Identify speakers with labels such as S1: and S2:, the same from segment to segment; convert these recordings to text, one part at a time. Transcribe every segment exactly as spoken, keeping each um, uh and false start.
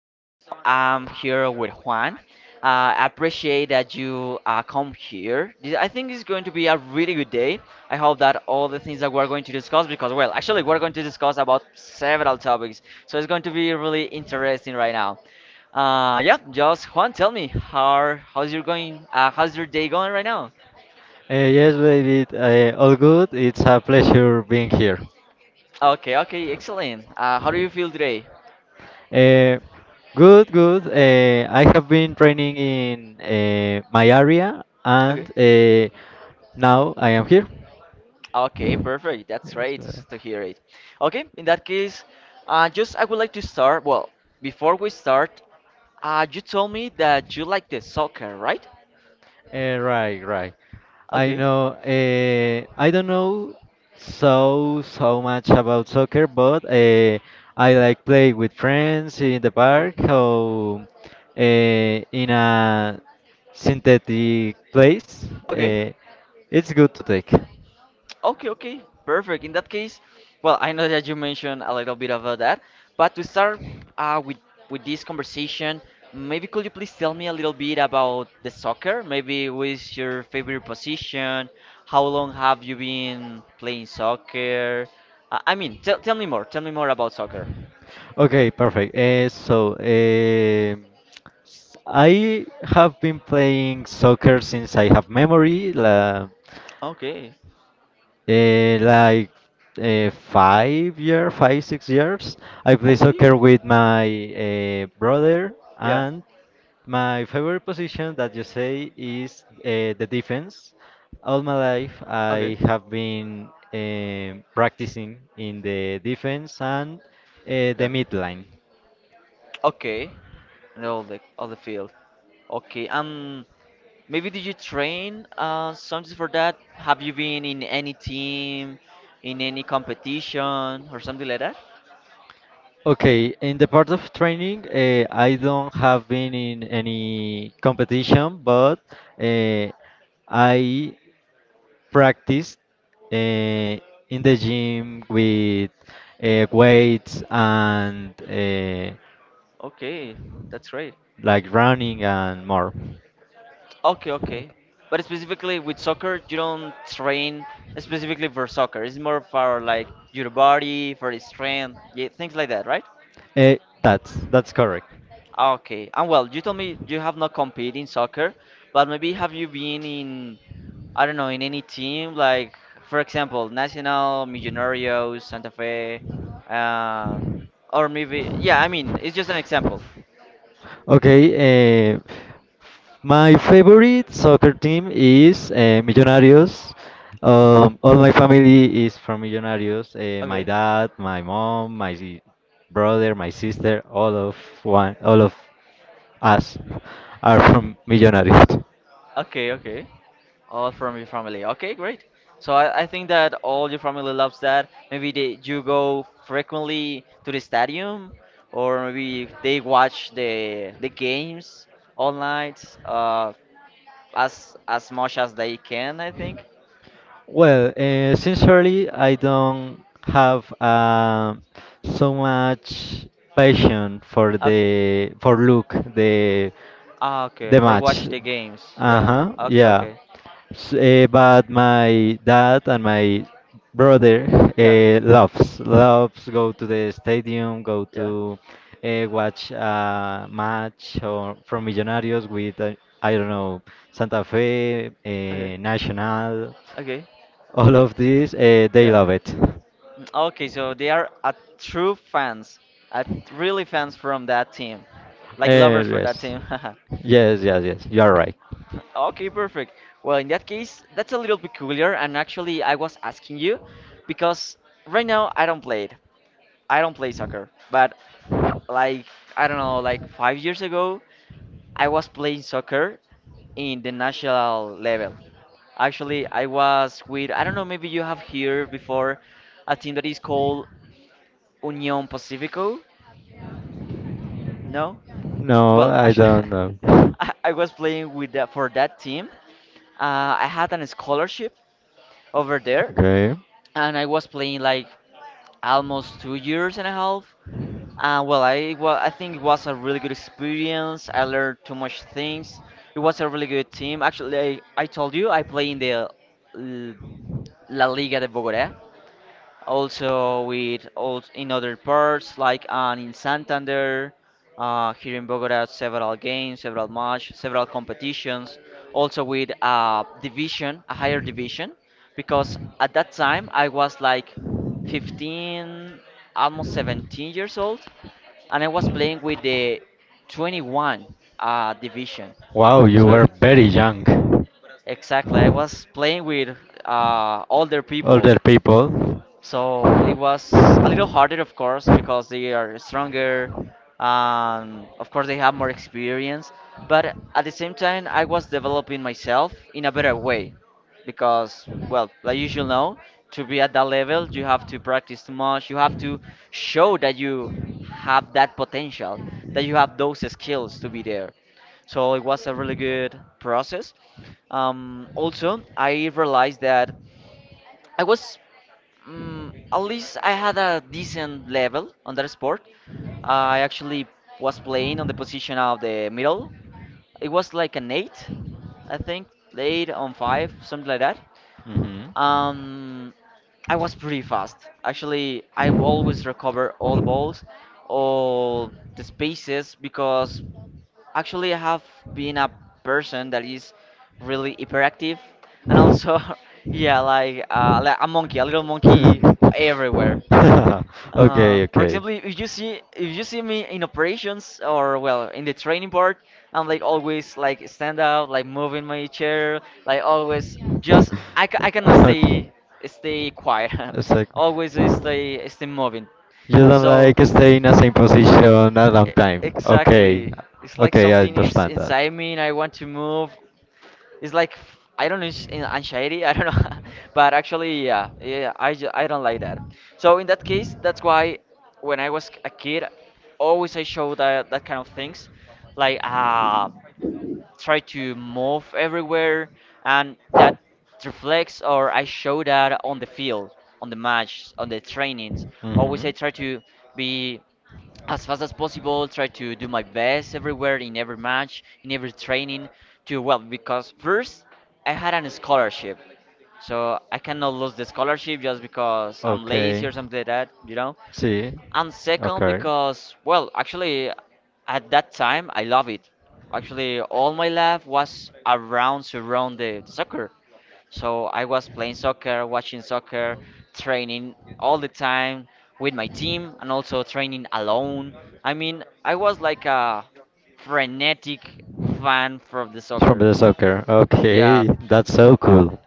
S1: Right now, I'm here with Juan. Uh, I appreciate that you uh, come here. Th- I think it's going to be a really good day. I hope that all the things that we're going to discuss, because well, actually, we're going to discuss about several topics, so it's going to be really interesting right now. Uh, yeah, just Juan, tell me how are- how's your going? Uh, how's your day going right now?
S2: Uh, yes, baby, uh, all good. It's a pleasure being here.
S1: Okay, okay, excellent. Uh, how do you feel today?
S2: Uh, Good, good. Uh, I have been training in uh, my area, and
S1: Okay.
S2: uh, now I am here.
S1: Okay, perfect. That's
S2: Yes,
S1: great
S2: uh,
S1: to hear it. Okay, in that case, uh, just I would like to start. Well, before we start, uh, you told me that you like the soccer, right?
S2: Eh, right, right. I
S1: Okay,
S2: know. Uh, I don't know so so much about soccer, but uh, I like play with friends in the
S1: okay,
S2: park, or uh, in a synthetic place.
S1: okay.
S2: Uh, it's good to take.
S1: Okay, okay, perfect. In that case, well, I know that you mentioned a little bit about that, but to start uh, with with this conversation, maybe could you please tell me a little bit about the soccer? Maybe what's your favorite position? How long have you been playing soccer? Uh, I mean, tell tell me more. Tell me more about soccer.
S2: Okay, perfect. Uh, so um s- I have been playing soccer since I have memory. La,
S1: Okay,
S2: Uh, like uh, five year, five six years, I play
S1: okay,
S2: soccer with my uh, brother,
S1: yeah,
S2: and my favorite position that you say is uh, the defense. All my life,
S1: okay,
S2: I have been um practicing in the defense, and uh, the
S1: yeah,
S2: midline.
S1: okay. And all the all the field. Okay, um, maybe did you train uh, something for that? Have you been in any team, in any competition, or something like that?
S2: Okay, in the part of training, uh, I don't have been in any competition, but uh, I practice uh, in the gym with uh, weights, and uh,
S1: Okay, that's great.
S2: like running and more.
S1: Okay, okay. But specifically with soccer, you don't train specifically for soccer. It's more for like your body, for the strength, yeah, things like that, right?
S2: Uh, that's that's correct.
S1: Okay, and well, you told me you have not competed in soccer, but maybe have you been in, I don't know, in any team like, for example, Nacional, Millonarios, Santa Fe, uh, or maybe, yeah, I mean, it's just an example.
S2: Okay, uh, my favorite soccer team is uh, Millonarios. Um, all my family is from Millonarios. Uh, my
S1: Okay,
S2: dad, my mom, my si- brother, my sister, all of one, all of us are from Millonarios.
S1: okay, okay. All from your family. Okay, great. So I, I think that all your family loves that. Maybe they you go frequently to the stadium, or maybe they watch the the games all night. Uh, as as much as they can, I think.
S2: Well, uh, sincerely, I don't have um so much passion for
S1: Ah,
S2: the for look the
S1: ah, okay,
S2: the
S1: for
S2: match.
S1: watch the games. Yeah.
S2: Uh-huh,
S1: Okay,
S2: yeah.
S1: okay.
S2: S- eh, but my dad and my brother
S1: Yeah.
S2: uh, loves loves go to the stadium, go
S1: Yeah.
S2: to uh, watch a match or from Millonarios with uh, I don't know, Santa Fe,
S1: Okay.
S2: uh, Nacional.
S1: Okay.
S2: All of this, uh, they
S1: Yeah.
S2: love it.
S1: Mm, okay, so they are a true fans, a really fans from that team, like
S2: Uh,
S1: lovers for that
S2: yes.
S1: team.
S2: Yes, yes, yes. You're right.
S1: Okay, perfect. Well, in that case, that's a little peculiar, and actually, I was asking you because right now I don't play it. I don't play soccer, but like I don't know, like five years ago, I was playing soccer in the national level. Actually, I was with, I don't know, maybe you have heard before a team that is called Union Pacifico. No?
S2: No,
S1: Well,
S2: I
S1: actually,
S2: don't know.
S1: I, I was playing with that for that team. Uh, I had an scholarship over there,
S2: Okay.
S1: and I was playing like almost two years and a half. Uh, well, I well, I think it was a really good experience. I learned too much things. It was a really good team. Actually, I, I told you I play in the L- La Liga de Bogotá also with all in other parts like and in Santander, uh, here in Bogota, several games, several match, several competitions, also with a division, a higher division, because at that time I was like fifteen, almost seventeen years old, and I was playing with the twenty-one uh, division.
S2: Wow, you
S1: So
S2: were very young. But
S1: exactly, I was playing with uh, older people so it was a little harder, of course, because they are stronger. Um, of course, they have more experience. But at the same time, I was developing myself in a better way because, well, like you should know, to be at that level, you have to practice too much. You have to show that you have that potential, that you have those skills to be there. So it was a really good process. Um, also, I realized that I was mm at least I had a decent level on that sport. I actually was playing on the position of the middle. It was like an eight, I think, eight on five, something like that.
S2: Mhm.
S1: Um, I was pretty fast. Actually, I will always recover all the balls, all the spaces because actually, I have been a person that is really hyperactive, and also, yeah, like uh, like a monkey, a little monkey everywhere. Uh,
S2: Okay,
S1: for
S2: okay.
S1: example, if you see if you see me in operations or well in the training part, I'm like always like stand up, like moving my chair, like always just I, ca- I cannot
S2: Okay.
S1: stay stay quiet,
S2: Exactly.
S1: always I stay stay moving.
S2: You don't
S1: So.
S2: like stay in the same position a long
S1: E-
S2: time. Okay.
S1: Exactly. It's like
S2: Okay, I
S1: something is
S2: understand that.
S1: inside me and I want to move. It's like f- I don't know, it's an- anxiety. I don't know, but actually, yeah, yeah, I ju- I don't like that. So in that case, that's why when I was a kid, always I showed that that kind of things, like ah try to move everywhere, and that reflects or I show that on the field, on the match, on the trainings. Always I
S2: hmm
S1: try to be as fast as possible, try to do my best everywhere in every match, in every training to well because first I had an scholarship. So I cannot lose the scholarship just because I'm lazy
S2: Okay.
S1: or something like that, you know?
S2: Sí.
S1: And second
S2: Okay.
S1: because well actually at that time I love it. Actually all my life was around surround the, the soccer, so I was playing soccer, watching soccer, training all the time with my team and also training alone. I mean I was like a frenetic fan for the
S2: From
S1: soccer.
S2: the soccer.
S1: Yeah,
S2: Okay, that's so cool.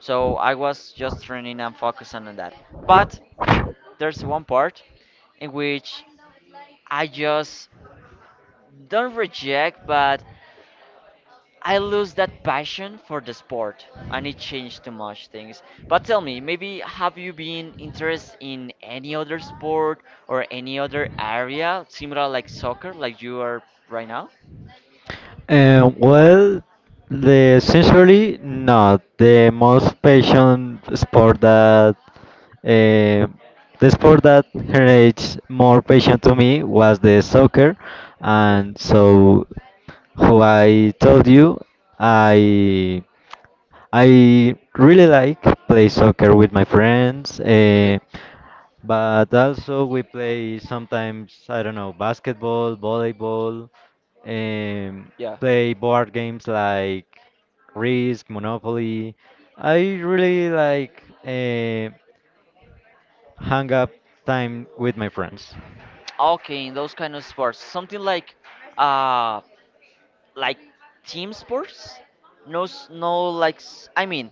S1: so I was just training and focusing on that, but there's one part in which I just don't reject, but I lose that passion for the sport and it changed too much things. But tell me, maybe have you been interested in any other sport or any other area similar like soccer, like you are right now?
S2: Um, well, the sincerely not the most patient sport that um the sport that generates more passion to me was the soccer,
S1: Okay,
S2: and so how I told you, I I really like play soccer with my friends, eh,
S1: okay,
S2: but also we play sometimes, I don't know, basketball, volleyball, um,
S1: yeah.
S2: play board games like Risk, Monopoly. I really like eh, hang up time with my friends.
S1: Okay, in those kind of sports, something like, uh, like team sports? No, s- no, like s- I mean,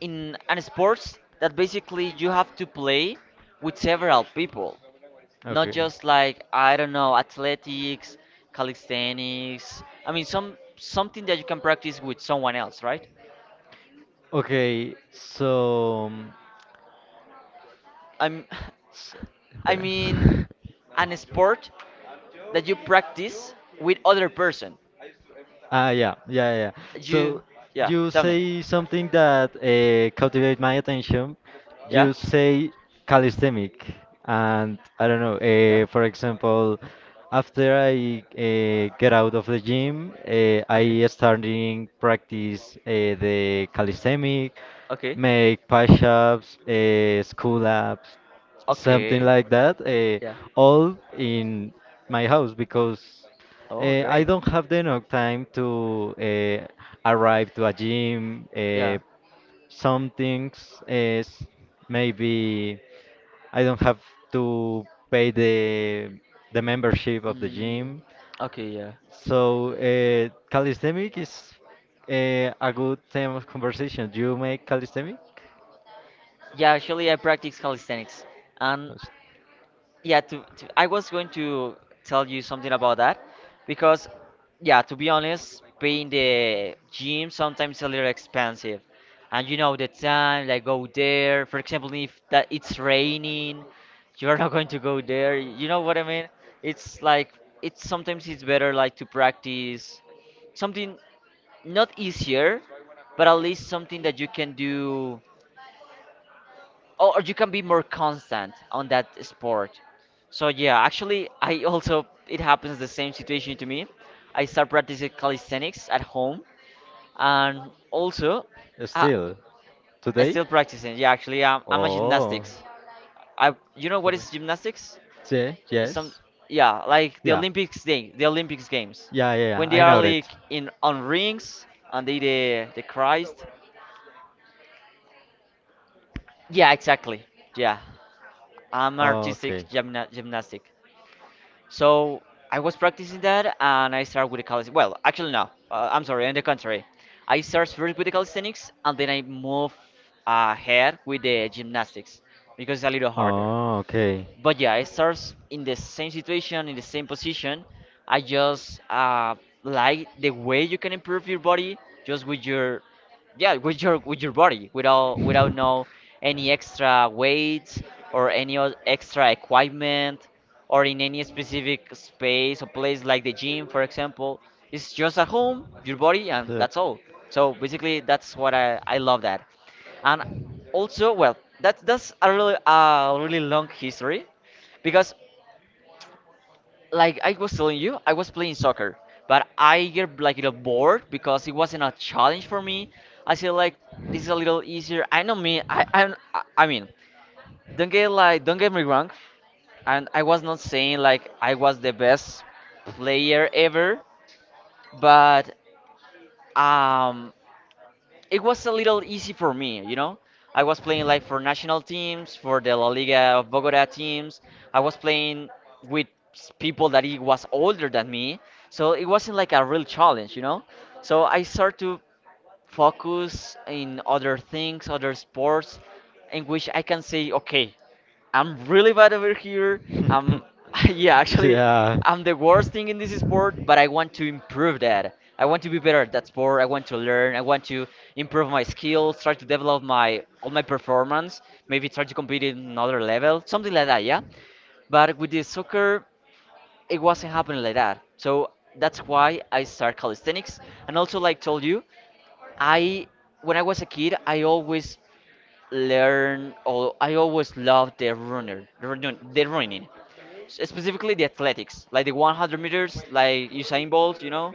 S1: in an sports that basically you have to play with several people. Not
S2: Okay.
S1: just like I don't know, athletics, calisthenics. I mean, some something that you can practice with someone else, right?
S2: Okay, so. um,
S1: I'm,
S2: s-
S1: I
S2: Espera.
S1: mean, an sport that you practice with other person.
S2: Ah, yeah, yeah, yeah.
S1: You,
S2: So
S1: yeah.
S2: you
S1: Tell me.
S2: say something that uh, captivate my attention.
S1: Yeah,
S2: You say calisthenic, and I don't know.
S1: yeah.
S2: Uh, for example, after I uh, get out of the gym, uh,
S1: Okay,
S2: I starting practice uh, the calisthenic,
S1: okay,
S2: make push-ups, uh, school ups, something
S1: okay.
S2: like that. Uh,
S1: Yeah.
S2: all in my house because.
S1: Oh,
S2: Uh, I
S1: great.
S2: don't have the enough time to uh, arrive to a gym.
S1: Yeah.
S2: Uh, some things is maybe I don't have to pay the the membership of the
S1: Mm,
S2: gym.
S1: okay, yeah.
S2: So uh, calisthenic is uh, a good theme of conversation. Do you make calisthenic?
S1: Yeah, actually, I practice calisthenics, and yeah to, to I was going to tell you something about that because yeah to be honest paying the gym sometimes a little expensive, and you know the time like go there, for example if that it's raining you're not going to go there, you know what I mean. It's like it's sometimes it's better like to practice something not easier but at least something that you can do or or you can be more constant on that sport. So yeah, actually, I also it happens the same situation to me. I start practicing calisthenics at home, and also, I,
S2: Still
S1: I
S2: today?
S1: still practicing. Yeah, actually, I'm, I'm a
S2: Oh.
S1: gymnastics. I you know what
S2: Sorry.
S1: is gymnastics?
S2: Yeah,
S1: Some
S2: yes.
S1: yeah, like the
S2: Yeah.
S1: Olympics thing, the Olympics games,
S2: Yeah, yeah, yeah.
S1: when they
S2: I
S1: are
S2: know
S1: like
S2: it.
S1: in on rings and they the the Christ. Yeah, exactly. Yeah, I'm artistic
S2: Okay.
S1: gymna- gymnastic. So I was practicing that, and I started with the calisthenics. Well, actually, no. Uh, I'm sorry. On the contrary, I started first with the calisthenics, and then I move uh, ahead with the gymnastics because it's a little harder.
S2: Oh, okay.
S1: But yeah, I starts in the same situation, in the same position. I just uh, like the way you can improve your body just with your yeah with your with your body without without no any extra weights or any o- extra equipment or in any specific space or place like the gym for example, it's just at home your body and that's all. So basically that's what i i love that. And also well that's that's a really a really long history because like I was telling you, I was playing soccer, but I get like a little bored because it wasn't a challenge for me. I feel like this is a little easier. I know me. I I'm, I I mean, don't get like don't get me wrong, and I was not saying like I was the best player ever, but um it was a little easy for me, you know. I was playing like for national teams, for the La Liga of Bogota teams. I was playing with s- people that it was older than me, so it wasn't like a real challenge, you know. So I started to focus in other things, other sports, in which I can say, okay, I'm really bad over here. Um, yeah, actually,
S2: Yeah.
S1: I'm the worst thing in this sport, but I want to improve that. I want to be better at that sport. I want to learn. I want to improve my skills. Try to develop my all my performance. Maybe try to compete in another level, something like that. Yeah, but with the soccer, it wasn't happening like that. So that's why I started calisthenics. And also, like told you. I when I was a kid, I always learn or I always loved the runner, the run, the running, S- specifically the athletics, like the one hundred meters, like Usain Bolt, you know,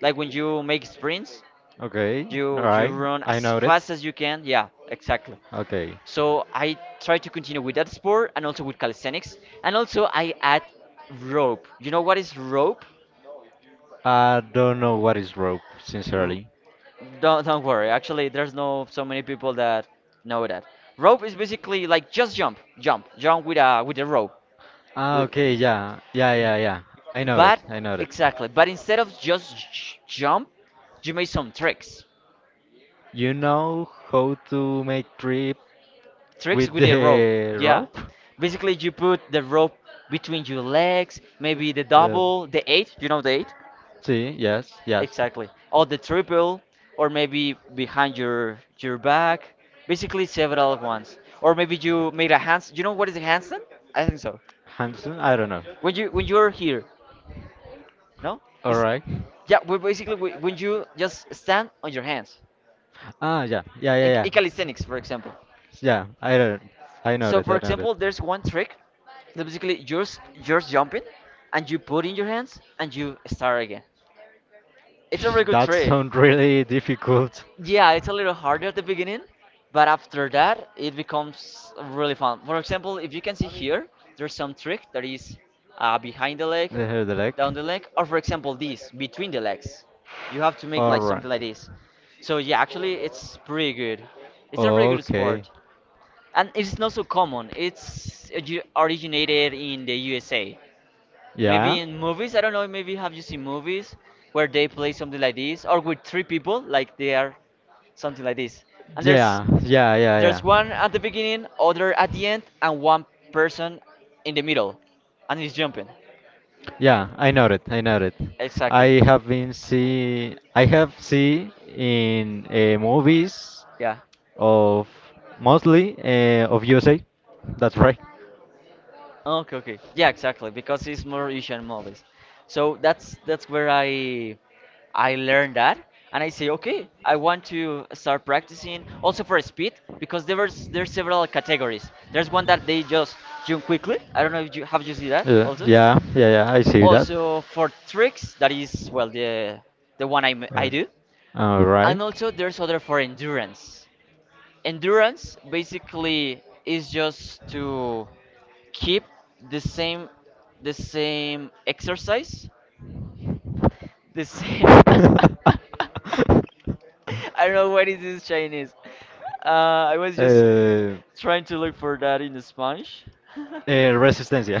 S1: like when you make sprints,
S2: Okay.
S1: you you run as
S2: Noted.
S1: fast as you can. Yeah, exactly.
S2: Okay.
S1: So I try to continue with that sport and also with calisthenics, and also I add rope. You know what is rope?
S2: I don't know what is rope, sincerely.
S1: Don't don't worry. Actually, there's no so many people that know that. Rope is basically like just jump, jump, jump with a with a rope.
S2: Ah,
S1: Wi-
S2: okay, yeah, yeah, yeah, yeah. I know it.
S1: But
S2: I know it.
S1: exactly. But instead of just j- jump, you make some tricks.
S2: You know how to make trip
S1: Tricks
S2: with
S1: with a rope.
S2: the
S1: Yeah.
S2: rope?
S1: Basically, you put the rope between your legs. Maybe the
S2: Uh,
S1: double, the eight. You know the eight?
S2: See, yes, yes.
S1: Exactly. Or the triple, or maybe behind your your back. Basically several at once. Or maybe you made a hands. You know what is a handstand? I think so.
S2: Hansen, I don't know.
S1: When you when you're here, no?
S2: All
S1: It's
S2: right.
S1: Yeah. We basically we, when you just stand on your hands.
S2: Ah, yeah, yeah,
S1: In,
S2: yeah,
S1: in
S2: yeah.
S1: calisthenics, for example.
S2: Yeah, I don't. I know
S1: So
S2: it.
S1: for
S2: I know it.
S1: example, there's one trick that basically you're s- you're jumping, and you put in your hands and you start again. It's a really good
S2: That
S1: trick.
S2: sounds really difficult.
S1: Yeah, it's a little harder at the beginning, but after that, it becomes really fun. For example, if you can see here, there's some trick that is uh, behind the leg,
S2: Here the
S1: down the leg, or for example, this between the legs. You have to make
S2: you
S1: like
S2: a
S1: something like this. So yeah, actually, it's pretty good.
S2: kind of
S1: It's a really
S2: sport.
S1: good
S2: Okay. And
S1: sport, and it's not so common. It's origi- originated in the U S A.
S2: yeah.
S1: Maybe in movies, I don't know, maybe have you seen movies where they play something like this or with three people, like they are something like this. And there's
S2: Yeah. Yeah.
S1: there's
S2: Yeah.
S1: one at the beginning, other at the end, and one person in the middle and he's jumping.
S2: Yeah, I know it. I know it. I
S1: Exactly.
S2: have been see. I have see in uh, movies
S1: Yeah.
S2: of mostly uh, of U S A. That's right.
S1: Okay, okay. Yeah, exactly, because it's more Asian movies. So that's that's where I I learned that and I say, okay, I want to start practicing also for speed because there was there's several categories. There's one that they just jump quickly. I don't know if you have you seen that
S2: Uh,
S1: also.
S2: yeah, yeah, yeah. I see that.
S1: Also for tricks, that is well the the one I, m- I
S2: Right.
S1: do.
S2: All right.
S1: And also there's other for endurance endurance basically is just to keep the same the same exercise the same i don't know what is this Chinese uh, I was just
S2: Uh,
S1: trying to look for that in Spanish
S2: Eh, Resistencia.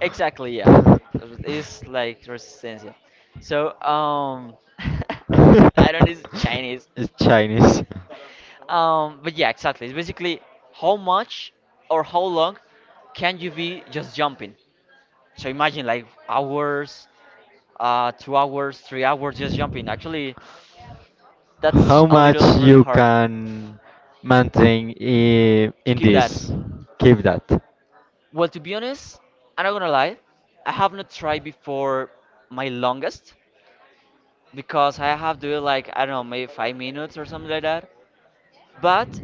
S1: exactly, yeah, it's like resistencia. So um I don't know, it's Chinese.
S2: It's Chinese.
S1: Um, but yeah, exactly. It's basically how much or how long can you be just jumping? So imagine like hours, uh, two hours, three hours just jumping. Actually, that's
S2: How
S1: a
S2: much
S1: little really
S2: you
S1: hard
S2: can maintain i-
S1: to
S2: in
S1: keep that.
S2: this? Keep that.
S1: Well, to be honest, I'm not gonna lie, I have not tried before my longest because I have to do it like I don't know maybe five minutes or something like that. But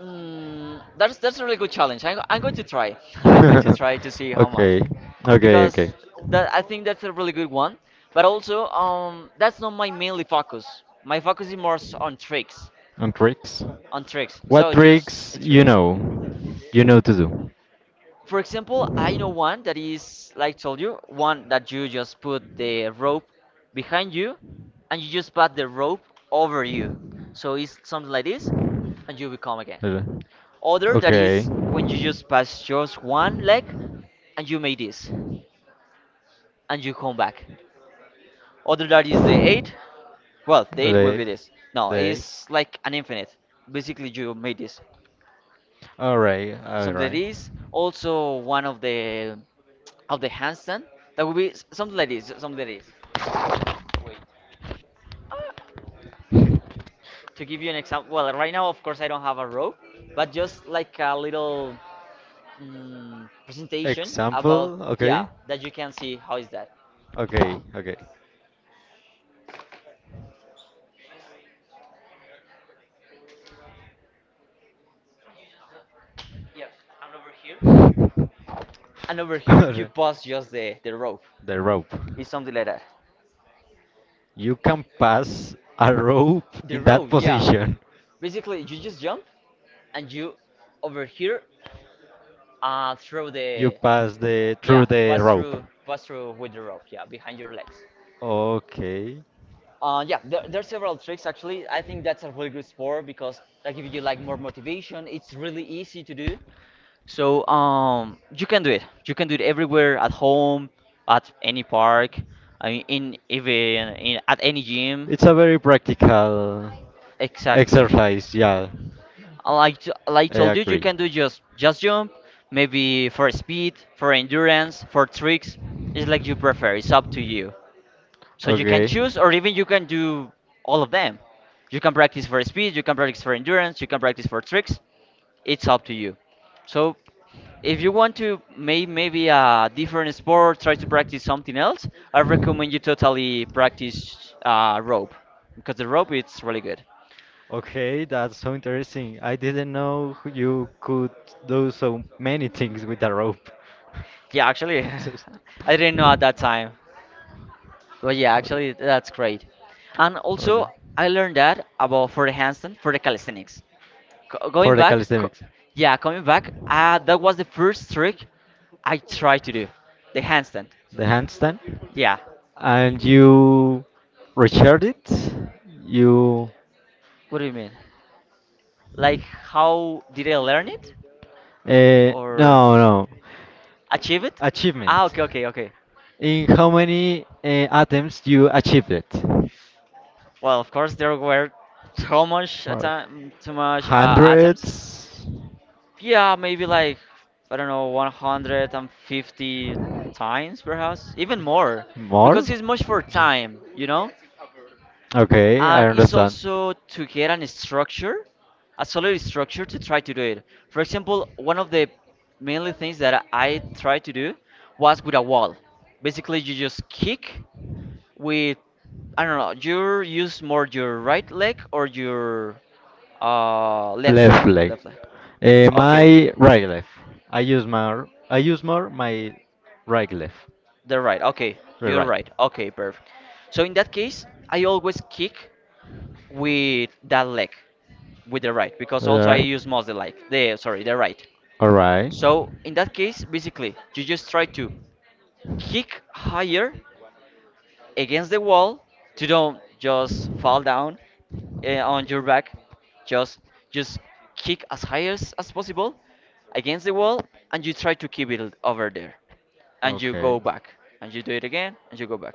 S1: mm, that's that's a really good challenge. I'm, go- I'm going to try. I'm going to try to see how much,
S2: Okay, okay,
S1: because
S2: okay.
S1: that I think that's a really good one. But also, um, that's not my mainly focus. My focus is more s- on tricks,
S2: On tricks?
S1: on tricks.
S2: On
S1: So just uh,
S2: you
S1: tricks.
S2: know? You know to do?
S1: For example, I know one that is like I told you one that you just put the rope behind you, and you just put the rope over you. So it's something like this, and you become again. Other
S2: Uh,
S1: that is when you just pass just one leg and you make this and you come back. Other that is the eight. Well, the eight will be this. No, it's like an infinite. Basically, you made this.
S2: All right, all
S1: Something like
S2: right.
S1: this. Also one of the of the handstand. That would be s- something like this. Something like this. To give you an example, well, right now of course I don't have a rope, but just like a little mm, presentation about
S2: Example,
S1: yeah
S2: okay,
S1: that you can see how is that.
S2: okay, okay.
S1: And over here you
S2: Alright.
S1: pass just the, the rope.
S2: The rope.
S1: It's something like that.
S2: You can pass a rope
S1: The
S2: in that
S1: rope, yeah.
S2: position.
S1: Basically, you just jump and you over here uh, throw
S2: You
S1: the
S2: pass the
S1: yeah
S2: through the
S1: pass
S2: rope.
S1: through pass through with the rope, yeah, behind your legs.
S2: Okay.
S1: Uh, yeah, there, there are several tricks actually. I think that's a really good sport because that gives you like more motivation. It's really easy to do. So um, you can do it. You can do it everywhere at home, at any park, I mean, in even in at any gym.
S2: It's a very practical
S1: Exactly.
S2: exercise, yeah.
S1: Uh, like t- like I
S2: I
S1: told you, you
S2: agree.
S1: can do just just jump, maybe for speed, for endurance, for tricks. It's like you prefer. It's up to you. So you can
S2: Okay.
S1: choose, or even you can do all of them. You can practice for speed, you can practice for endurance, you can practice for tricks. It's up to you. So if you want to make maybe a different sport, try to practice something else. I recommend you totally practice uh, rope because the rope it's really good.
S2: Okay, that's so interesting. I didn't know who you could do so many things with a rope.
S1: Yeah, actually,
S2: Just-
S1: I didn't know at that time. But yeah,
S2: okay.
S1: actually, that's great. And
S2: Hold
S1: also,
S2: on.
S1: I learned that about for the handstand, for the calisthenics. Co- going
S2: For the
S1: back, co-
S2: calisthenics.
S1: yeah, coming back, uh, that was the first trick I tried to do, the handstand.
S2: The handstand,
S1: Yeah.
S2: and you recharge it. You,
S1: What do you mean? Like, how did I learn it
S2: uh,
S1: or
S2: no, no,
S1: achieve it?
S2: achievement.
S1: Ah, okay, okay, okay.
S2: In how many uh, attempts you achieved it?
S1: Well, of course, there were so much
S2: Uh,
S1: attem- too much uh, attempts.
S2: Hundreds.
S1: Yeah, maybe like I don't know, one hundred and fifty times perhaps, even more,
S2: More?
S1: because it's much for time, you know,
S2: Okay, I
S1: and it's
S2: understand.
S1: also to get an structure, a solid structure to try to do it. For example, one of the mainly things that I tried to do was with a wall. Basically, you just kick with I don't know, you use more your right leg or your uh left
S2: Left leg.
S1: left leg.
S2: Eh,
S1: Okay.
S2: my right leg. I use more. I use more my right leg.
S1: They're right. Okay,
S2: Right,
S1: you're
S2: right.
S1: right. Okay, perfect. So in that case, I always kick with that leg, with the right, because also I
S2: Right.
S1: use most the like the sorry the right.
S2: All right.
S1: So in that case, basically, you just try to kick higher against the wall to don't just fall down uh, on your back. Just just kick as high as, as possible against the wall, and you try to keep it over there, and you
S2: Okay.
S1: go back, and you do it again, and you go back.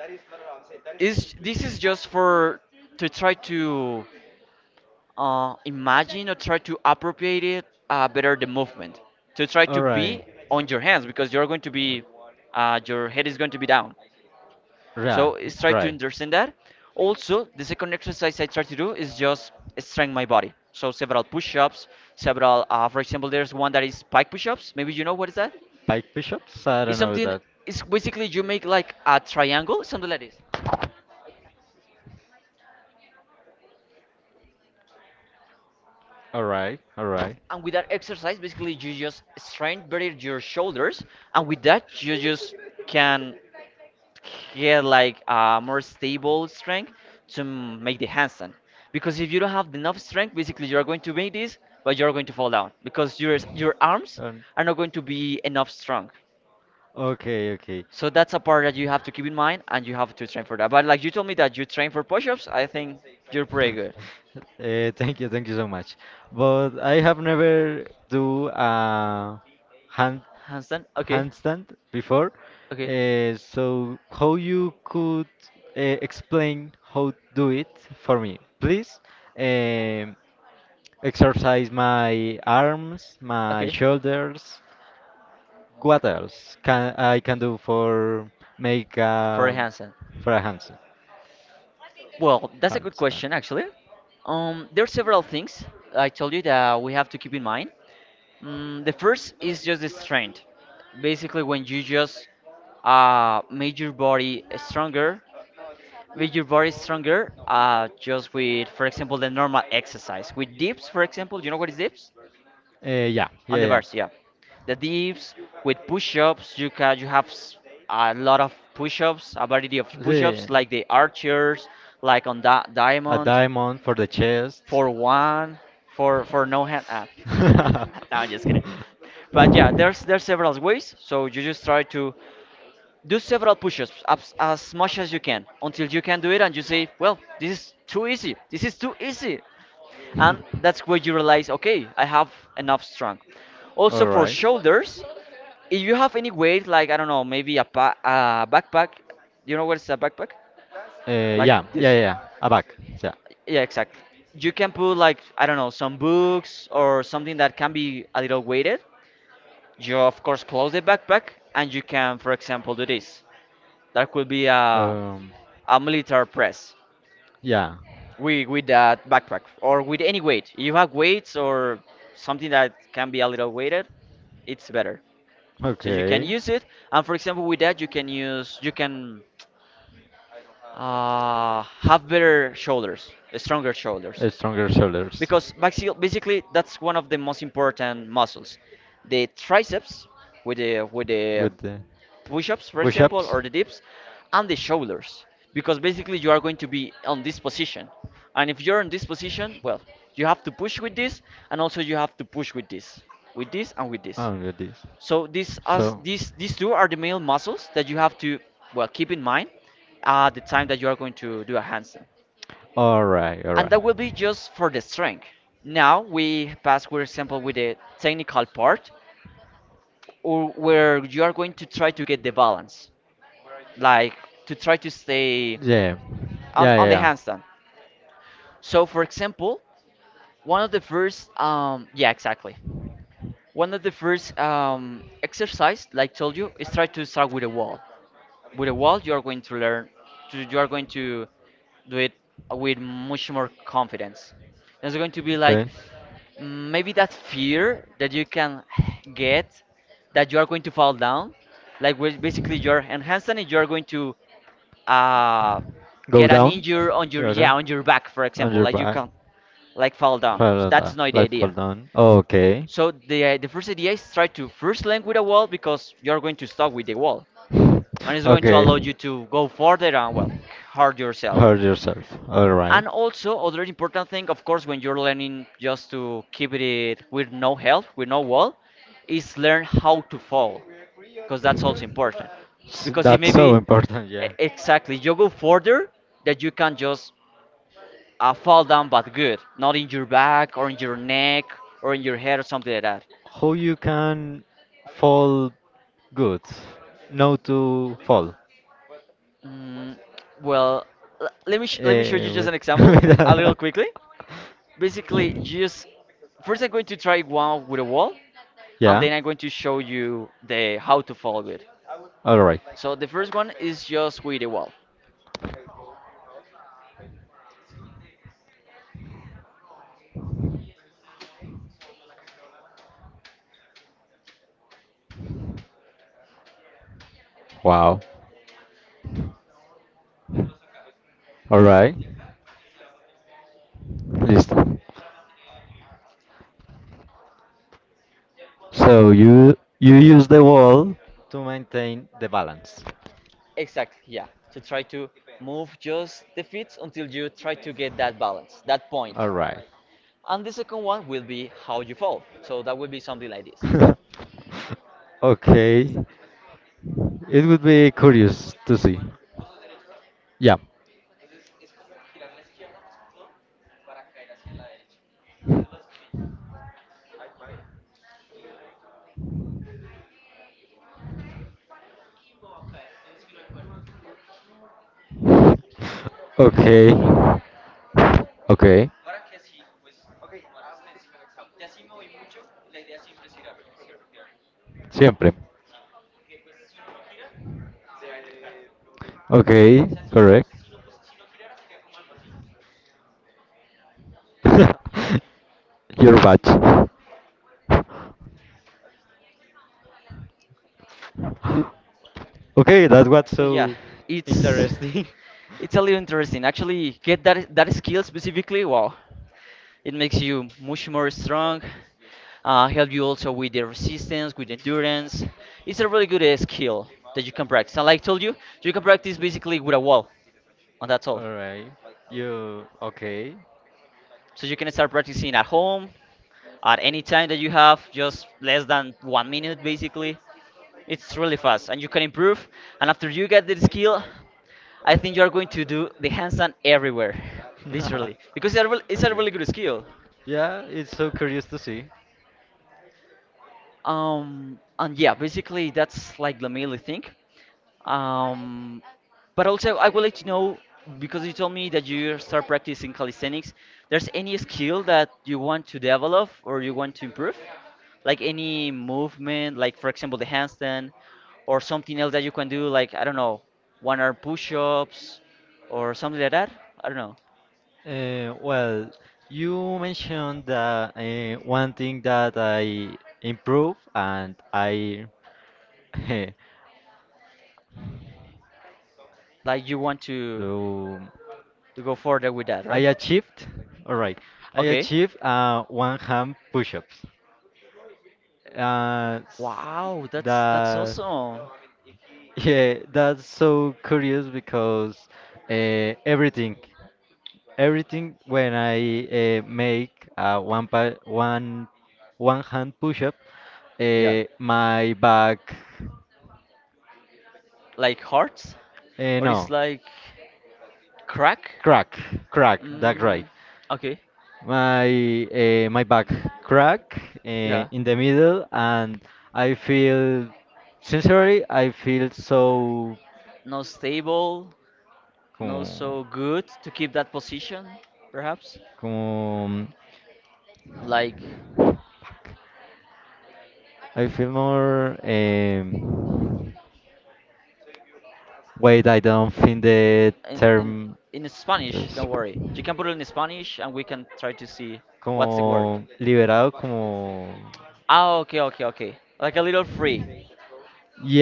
S1: Is this is just for to try to uh, imagine or try to appropriate it uh, better the movement to try to
S2: All right.
S1: be on your hands because you're going to be uh, your head is going to be down.
S2: Yeah.
S1: So it's try to
S2: Right.
S1: understand that. Also, the second exercise I try to do is just strengthen my body. So several push-ups, several. Uh, for example, there's one that is pike push-ups. Maybe you know what is that?
S2: Pike bishops? I don't
S1: It's
S2: know
S1: something.
S2: that.
S1: It's basically you make like a triangle, something like this.
S2: All right. All right.
S1: And with that exercise, basically you just strain better your shoulders, and with that you just can get like a more stable strength to m- make the handstand. Because if you don't have enough strength, basically you are going to make this, but you are going to fall down because your your arms
S2: Um,
S1: are not going to be enough strong.
S2: okay, okay.
S1: So that's a part that you have to keep in mind, and you have to train for that. But like you told me that you train for push-ups, I think you're pretty good.
S2: Eh, thank you, thank you so much. But I have never do a hand
S1: Handstand, okay,
S2: handstand before.
S1: okay.
S2: Uh, so how you could uh, explain how do it for me, please? Um Exercise my arms, my
S1: Okay.
S2: shoulders. What else can I can do for make
S1: For
S2: uh,
S1: Hansen.
S2: for a handstand?
S1: Well, that's a good
S2: Handstand.
S1: question actually. Um, there are several things I told you that we have to keep in mind. Mm, the first is just the strength. Basically, when you just uh, make your body stronger, make your body stronger uh, just with, for example, the normal exercise. With dips, for example, you know what is dips?
S2: Uh, yeah,
S1: On the
S2: yeah, yeah.
S1: bars, yeah. The dips with push-ups, you can you have s- a lot of push-ups, a variety of
S2: The,
S1: push-ups like the archers, like on that
S2: a
S1: diamond,
S2: diamond for the chest.
S1: for one, for for no hand. Ah. No, I'm just kidding. But yeah, there's there's several ways. So you just try to do several push-ups as, as much as you can until you can do it, and you say, well, this is too easy. This is too easy, and that's where you realize, okay, I have enough strength. Also
S2: All
S1: for
S2: right.
S1: shoulders, if you have any weight, like I don't know, maybe a, pa- a backpack. You know what's a backpack?
S2: Uh,
S1: Like
S2: yeah, yeah, yeah.
S1: this.
S2: Yeah. A back. Yeah.
S1: Yeah, exactly. You can put, like I don't know, some books or something that can be a little weighted. You of course close the backpack, and you can for example do this. That could be a,
S2: Um.
S1: a military press
S2: Yeah.
S1: with with that backpack, or with any weight. If you have weights or something that can be a little weighted, it's better. So you can
S2: Okay.
S1: use it, and for example, with that you can use you can uh, have better shoulders, stronger shoulders,
S2: A stronger shoulders.
S1: because basi- basically that's one of the most important muscles. The triceps with the with the
S2: Good day.
S1: push-ups, for
S2: Push
S1: example,
S2: ups.
S1: or the dips, and the shoulders, because basically you are going to be on this position, and if you're in this position, well, you have to push with this, and also you have to push with this, with this, and with this.
S2: Oh, good days.
S1: So these as
S2: So,
S1: these these two are the main muscles that you have to, well, keep in mind at the time that you are going to do a handstand.
S2: all right, all
S1: And that
S2: right.
S1: will be just for the strength. Now we pass, for example, with the technical part, or where you are going to try to get the balance, like to try to stay
S2: Yeah,
S1: on,
S2: yeah, yeah,
S1: on the
S2: yeah.
S1: handstand. So, for example, one of the first, um, yeah, exactly. One of the first um, exercise, like told you, is try to start with a wall. With a wall you are going to learn to, you are going to do it with much more confidence. There's going to be like, mm, maybe that fear that you can get, that you are going to fall down, like where basically you're enhanced and you're going to uh, get an
S2: Down.
S1: injury on your,
S2: You
S1: yeah, on your back, for example, like you can like fall down. That's not the idea.
S2: Down. Okay.
S1: So the the first idea is try to first link with a wall, because you're going to stop with the wall,
S2: It's going
S1: and it's going to allow you to go further and, well, hard
S2: yourself.
S1: yourself.
S2: Hurt yourself. Alright.
S1: And also other important thing, of course, when you're learning just to keep it with no help, with no wall, is learn how to fall, because that's also important.
S2: S- because you,
S1: Because it
S2: that's
S1: may
S2: know
S1: be,
S2: so
S1: e-
S2: important, yeah.
S1: exactly, you go further, that you can just uh, fall down, but good, not in your back or in your neck or in your head or something like that.
S2: How you can fall good? No to fall.
S1: mm, well, l- let me sh- let me show
S2: Eh,
S1: you just
S2: wait.
S1: an example a little quickly. Basically, just first I'm going to try one with a wall, and
S2: Yeah.
S1: then I'm going to show you the how to follow it.
S2: All right.
S1: So the first one is just with a wall.
S2: Wow. All right. Listo. So you you use the wall to maintain the balance.
S1: Exactly, yeah. To try to move just the feet until you try to get that balance, that point.
S2: All right.
S1: And the second one will be how you fall. So that will be something like this.
S2: Okay. It would be curious to see. Yeah. Okay. Okay. Siempre. Okay. Correct. Your batch. Okay, that's what's
S1: So yeah,
S2: so
S1: it's
S2: interesting.
S1: it's a little interesting. Actually, get that that skill specifically. Wow. It makes you much more strong, uh, help you also with the resistance, with endurance. It's a really good uh, skill that you can practice. And like I told you, you can practice basically with a wall, and that's all.
S2: All right. You okay?
S1: So you can start practicing at home, at any time that you have, just less than one minute basically. It's really fast, and you can improve. And after you get the skill, I think you are going to do the handstand everywhere, literally, because it's a, real- it's a
S2: Okay.
S1: really good skill.
S2: Yeah, it's so curious to see.
S1: Um, and yeah, basically that's like the mainly thing. Um, but also I would like to know, because you told me that you start practicing calisthenics, there's any skill that you want to develop or you want to improve? Like any movement, like for example the handstand, or something else that you can do, like I don't know, one arm push-ups or something like that? I don't know.
S2: Uh, well, you mentioned that uh, one thing that I improve, and I
S1: Like you want to
S2: so
S1: to go further with that,
S2: I
S1: right?
S2: achieved. All right, I
S1: Okay.
S2: achieved uh, one hand push-ups. Uh, s-
S1: Wow, that's that's
S2: that,
S1: awesome.
S2: yeah, that's so curious because uh, everything. Everything when I uh, make uh, one pa one one hand push up,
S1: Yeah,
S2: uh, my back
S1: like hearts,
S2: uh,
S1: or it's
S2: no,
S1: like crack.
S2: crack, crack, that's right.
S1: mm, okay.
S2: My uh, my back crack uh,
S1: Yeah,
S2: in the middle, and I feel, sincerely I feel so,
S1: not stable, not
S2: como,
S1: so good to keep that position perhaps.
S2: como,
S1: Like
S2: I feel more, um, wait, I don't think the
S1: in, in
S2: term
S1: in spanish,
S2: is,
S1: don't worry, you can put it in spanish and we can try to see what's the word.
S2: como liberado, como.
S1: Ah, okay okay okay, like a little free.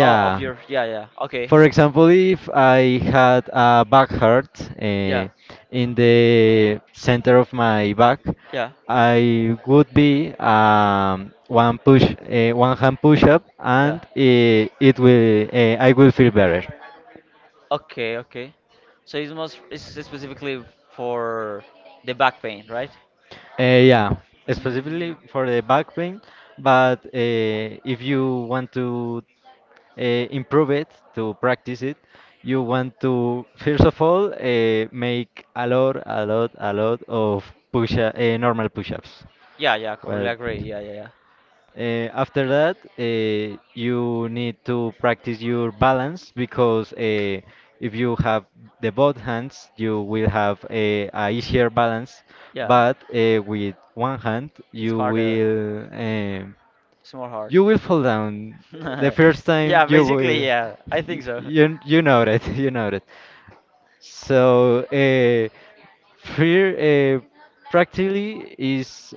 S1: Oh, of your, yeah, yeah, okay.
S2: For example, if I had a back hurt
S1: Yeah,
S2: eh, in the center of my back,
S1: yeah,
S2: I would be um, one push, uh, one hand push up,
S1: yeah.
S2: and eh, it will, eh, I will feel better.
S1: Okay, okay. So it's most it's specifically for the back pain, right?
S2: Uh, yeah, specifically
S1: Mm,
S2: for the back pain. But uh, if you want to uh, improve it, to practice it, you want to first of all uh, make a lot, a lot, a lot of push uh, normal push-ups.
S1: yeah, yeah, completely
S2: Well,
S1: agree. Yeah, yeah, yeah.
S2: uh, after that, uh, you need to practice your balance because uh, if you have the both hands, you will have a, a easier balance.
S1: Yeah,
S2: But uh, with one hand,
S1: it's
S2: you
S1: harder.
S2: will. Um
S1: It's more hard.
S2: you will fall down the first time.
S1: Yeah,
S2: You will.
S1: basically, yeah. I
S2: y-
S1: think so.
S2: You you know it. You know it. So uh, fear uh, practically is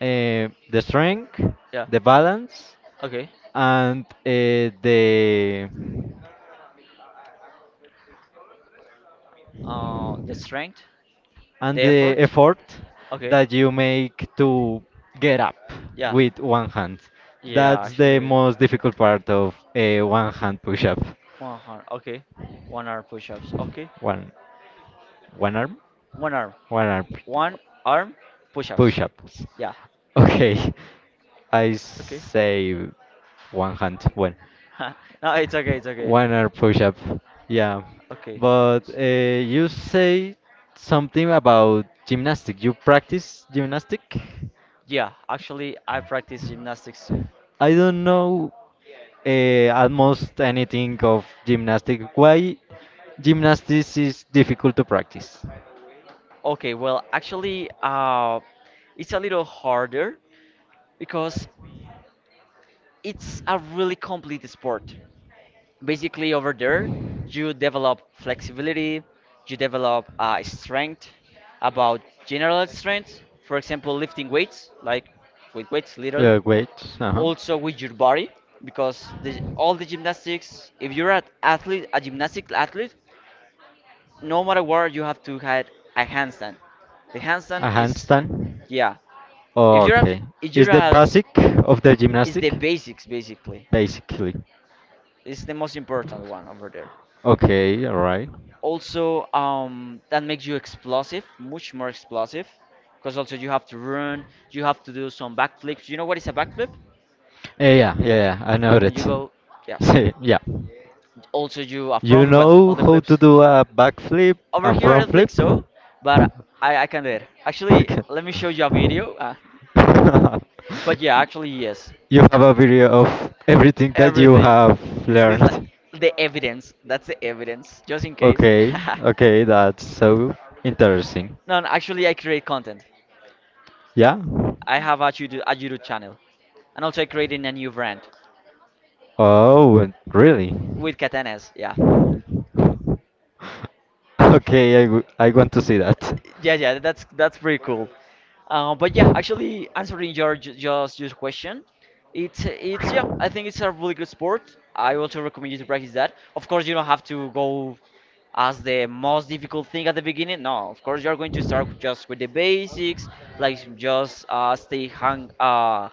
S2: uh, the strength,
S1: Yeah.
S2: the balance,
S1: Okay.
S2: and uh, the
S1: Uh, the strength,
S2: and
S1: the
S2: the
S1: effort.
S2: effort
S1: Okay.
S2: that you make to get up
S1: Yeah.
S2: with one hand.
S1: Yeah,
S2: That's the
S1: actually,
S2: most difficult part of a one hand push up.
S1: one arm. Okay. One arm push-ups. Okay.
S2: One one arm,
S1: One arm.
S2: one arm.
S1: One arm push-up.
S2: Push ups.
S1: Yeah.
S2: Okay, I
S1: Okay.
S2: say one hand, one,
S1: No, it's okay, it's okay.
S2: one arm push up. Yeah,
S1: Okay.
S2: but uh, you say something about gymnastic. You practice gymnastic?
S1: Yeah, actually, I practice gymnastics too.
S2: I don't know uh, almost anything of gymnastic. Why gymnastics is difficult to practice?
S1: Okay, well, actually, uh, it's a little harder because it's a really complete sport. Basically, over there, you develop flexibility, you develop uh, strength, about general strength, for example, lifting weights, like with weights, literally.
S2: Yeah, body, weights. But
S1: Also with your body, because the, all the gymnastics, if you're an athlete, a gymnastic athlete, no matter where, you have to have a handstand. The
S2: handstand, the handstand, A
S1: handstand
S2: is
S1: is,
S2: handstand.
S1: yeah. If
S2: Oh,
S1: you're a, if you're a,
S2: basic of the, it's
S1: is the
S2: the.
S1: basics basically.
S2: Basically.
S1: It's the most important one over there.
S2: Okay, alright.
S1: Also, um, that makes you explosive, much more explosive, because also you have to run, you have to do some backflips. You know what is a backflip?
S2: Eh, yeah, yeah, yeah, I know
S1: Like when
S2: that.
S1: you go, yeah.
S2: Yeah, yeah.
S1: Also, you a
S2: You
S1: front, well,
S2: know
S1: all the
S2: how to
S1: flips.
S2: do a backflip
S1: Over
S2: and
S1: here, I
S2: front
S1: don't think
S2: flip?
S1: so, but I, I can do it. Actually, let me show you a video. Uh, but yeah, actually, yes.
S2: You have a video of everything that you
S1: Everything.
S2: have
S1: It's like
S2: learned.
S1: the evidence. That's the evidence, just in case.
S2: Okay, okay, that's so interesting.
S1: no, no, actually, I create content.
S2: Yeah?
S1: I have a YouTube, a YouTube channel, and also I creating a new brand
S2: Oh, really?
S1: with katanas. Yeah,
S2: Okay, I, w- I want to see that.
S1: yeah, yeah, that's that's pretty cool. Uh, but yeah, actually answering your ju- just just question, it's it's yeah, I think it's a really good sport. I also recommend you to practice that. Of course, you don't have to go as the most difficult thing at the beginning. No, of course you're going to start with- just with the basics, like just uh, stay hang uh,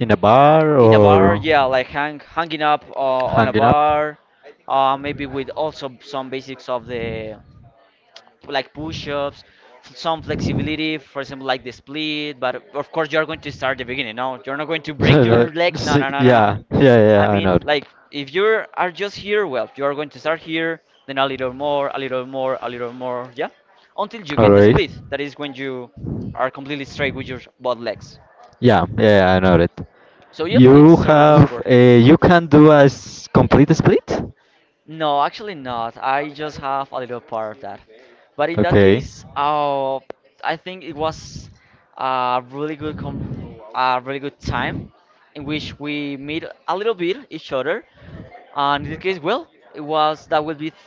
S2: In a bar
S1: in a bar.
S2: or
S1: Yeah, like hang hanging up uh, on a
S2: hanging up?
S1: bar. Uh, maybe with also some basics of the, like push-ups, s- some flexibility, for example, like the split. But of course, you're going to start the beginning. No, you're not going to break
S2: No,
S1: your legs. No,
S2: see-
S1: no, no, no, no.
S2: yeah, yeah,
S1: I
S2: yeah, I know.
S1: mean, like if you are just here, well, you are going to start here, then a little more, a little more, a little more, yeah, until you
S2: All
S1: get the
S2: right.
S1: split. That is when you are completely straight with your both legs.
S2: Yeah, yeah, yeah, I know it.
S1: So yeah,
S2: You
S1: it's a really good
S2: have
S1: sport.
S2: uh, you can do a s- complete split?
S1: No, actually not. I just have a little part of that. But in that
S2: Okay.
S1: case, uh, I think it was a really good com, a really good time in which we meet a little bit each other. And in this case, well, it was that will be th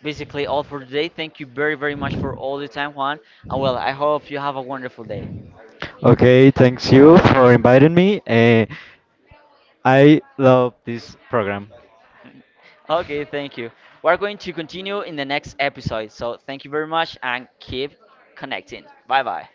S1: basically all for today. Thank you very, very much for all the time, Juan. And well, I hope you have a wonderful day.
S2: Okay, thanks you for inviting me. Uh, I love this program.
S1: Okay, thank you. We're going to continue in the next episode. So thank you very much and keep connecting. Bye bye.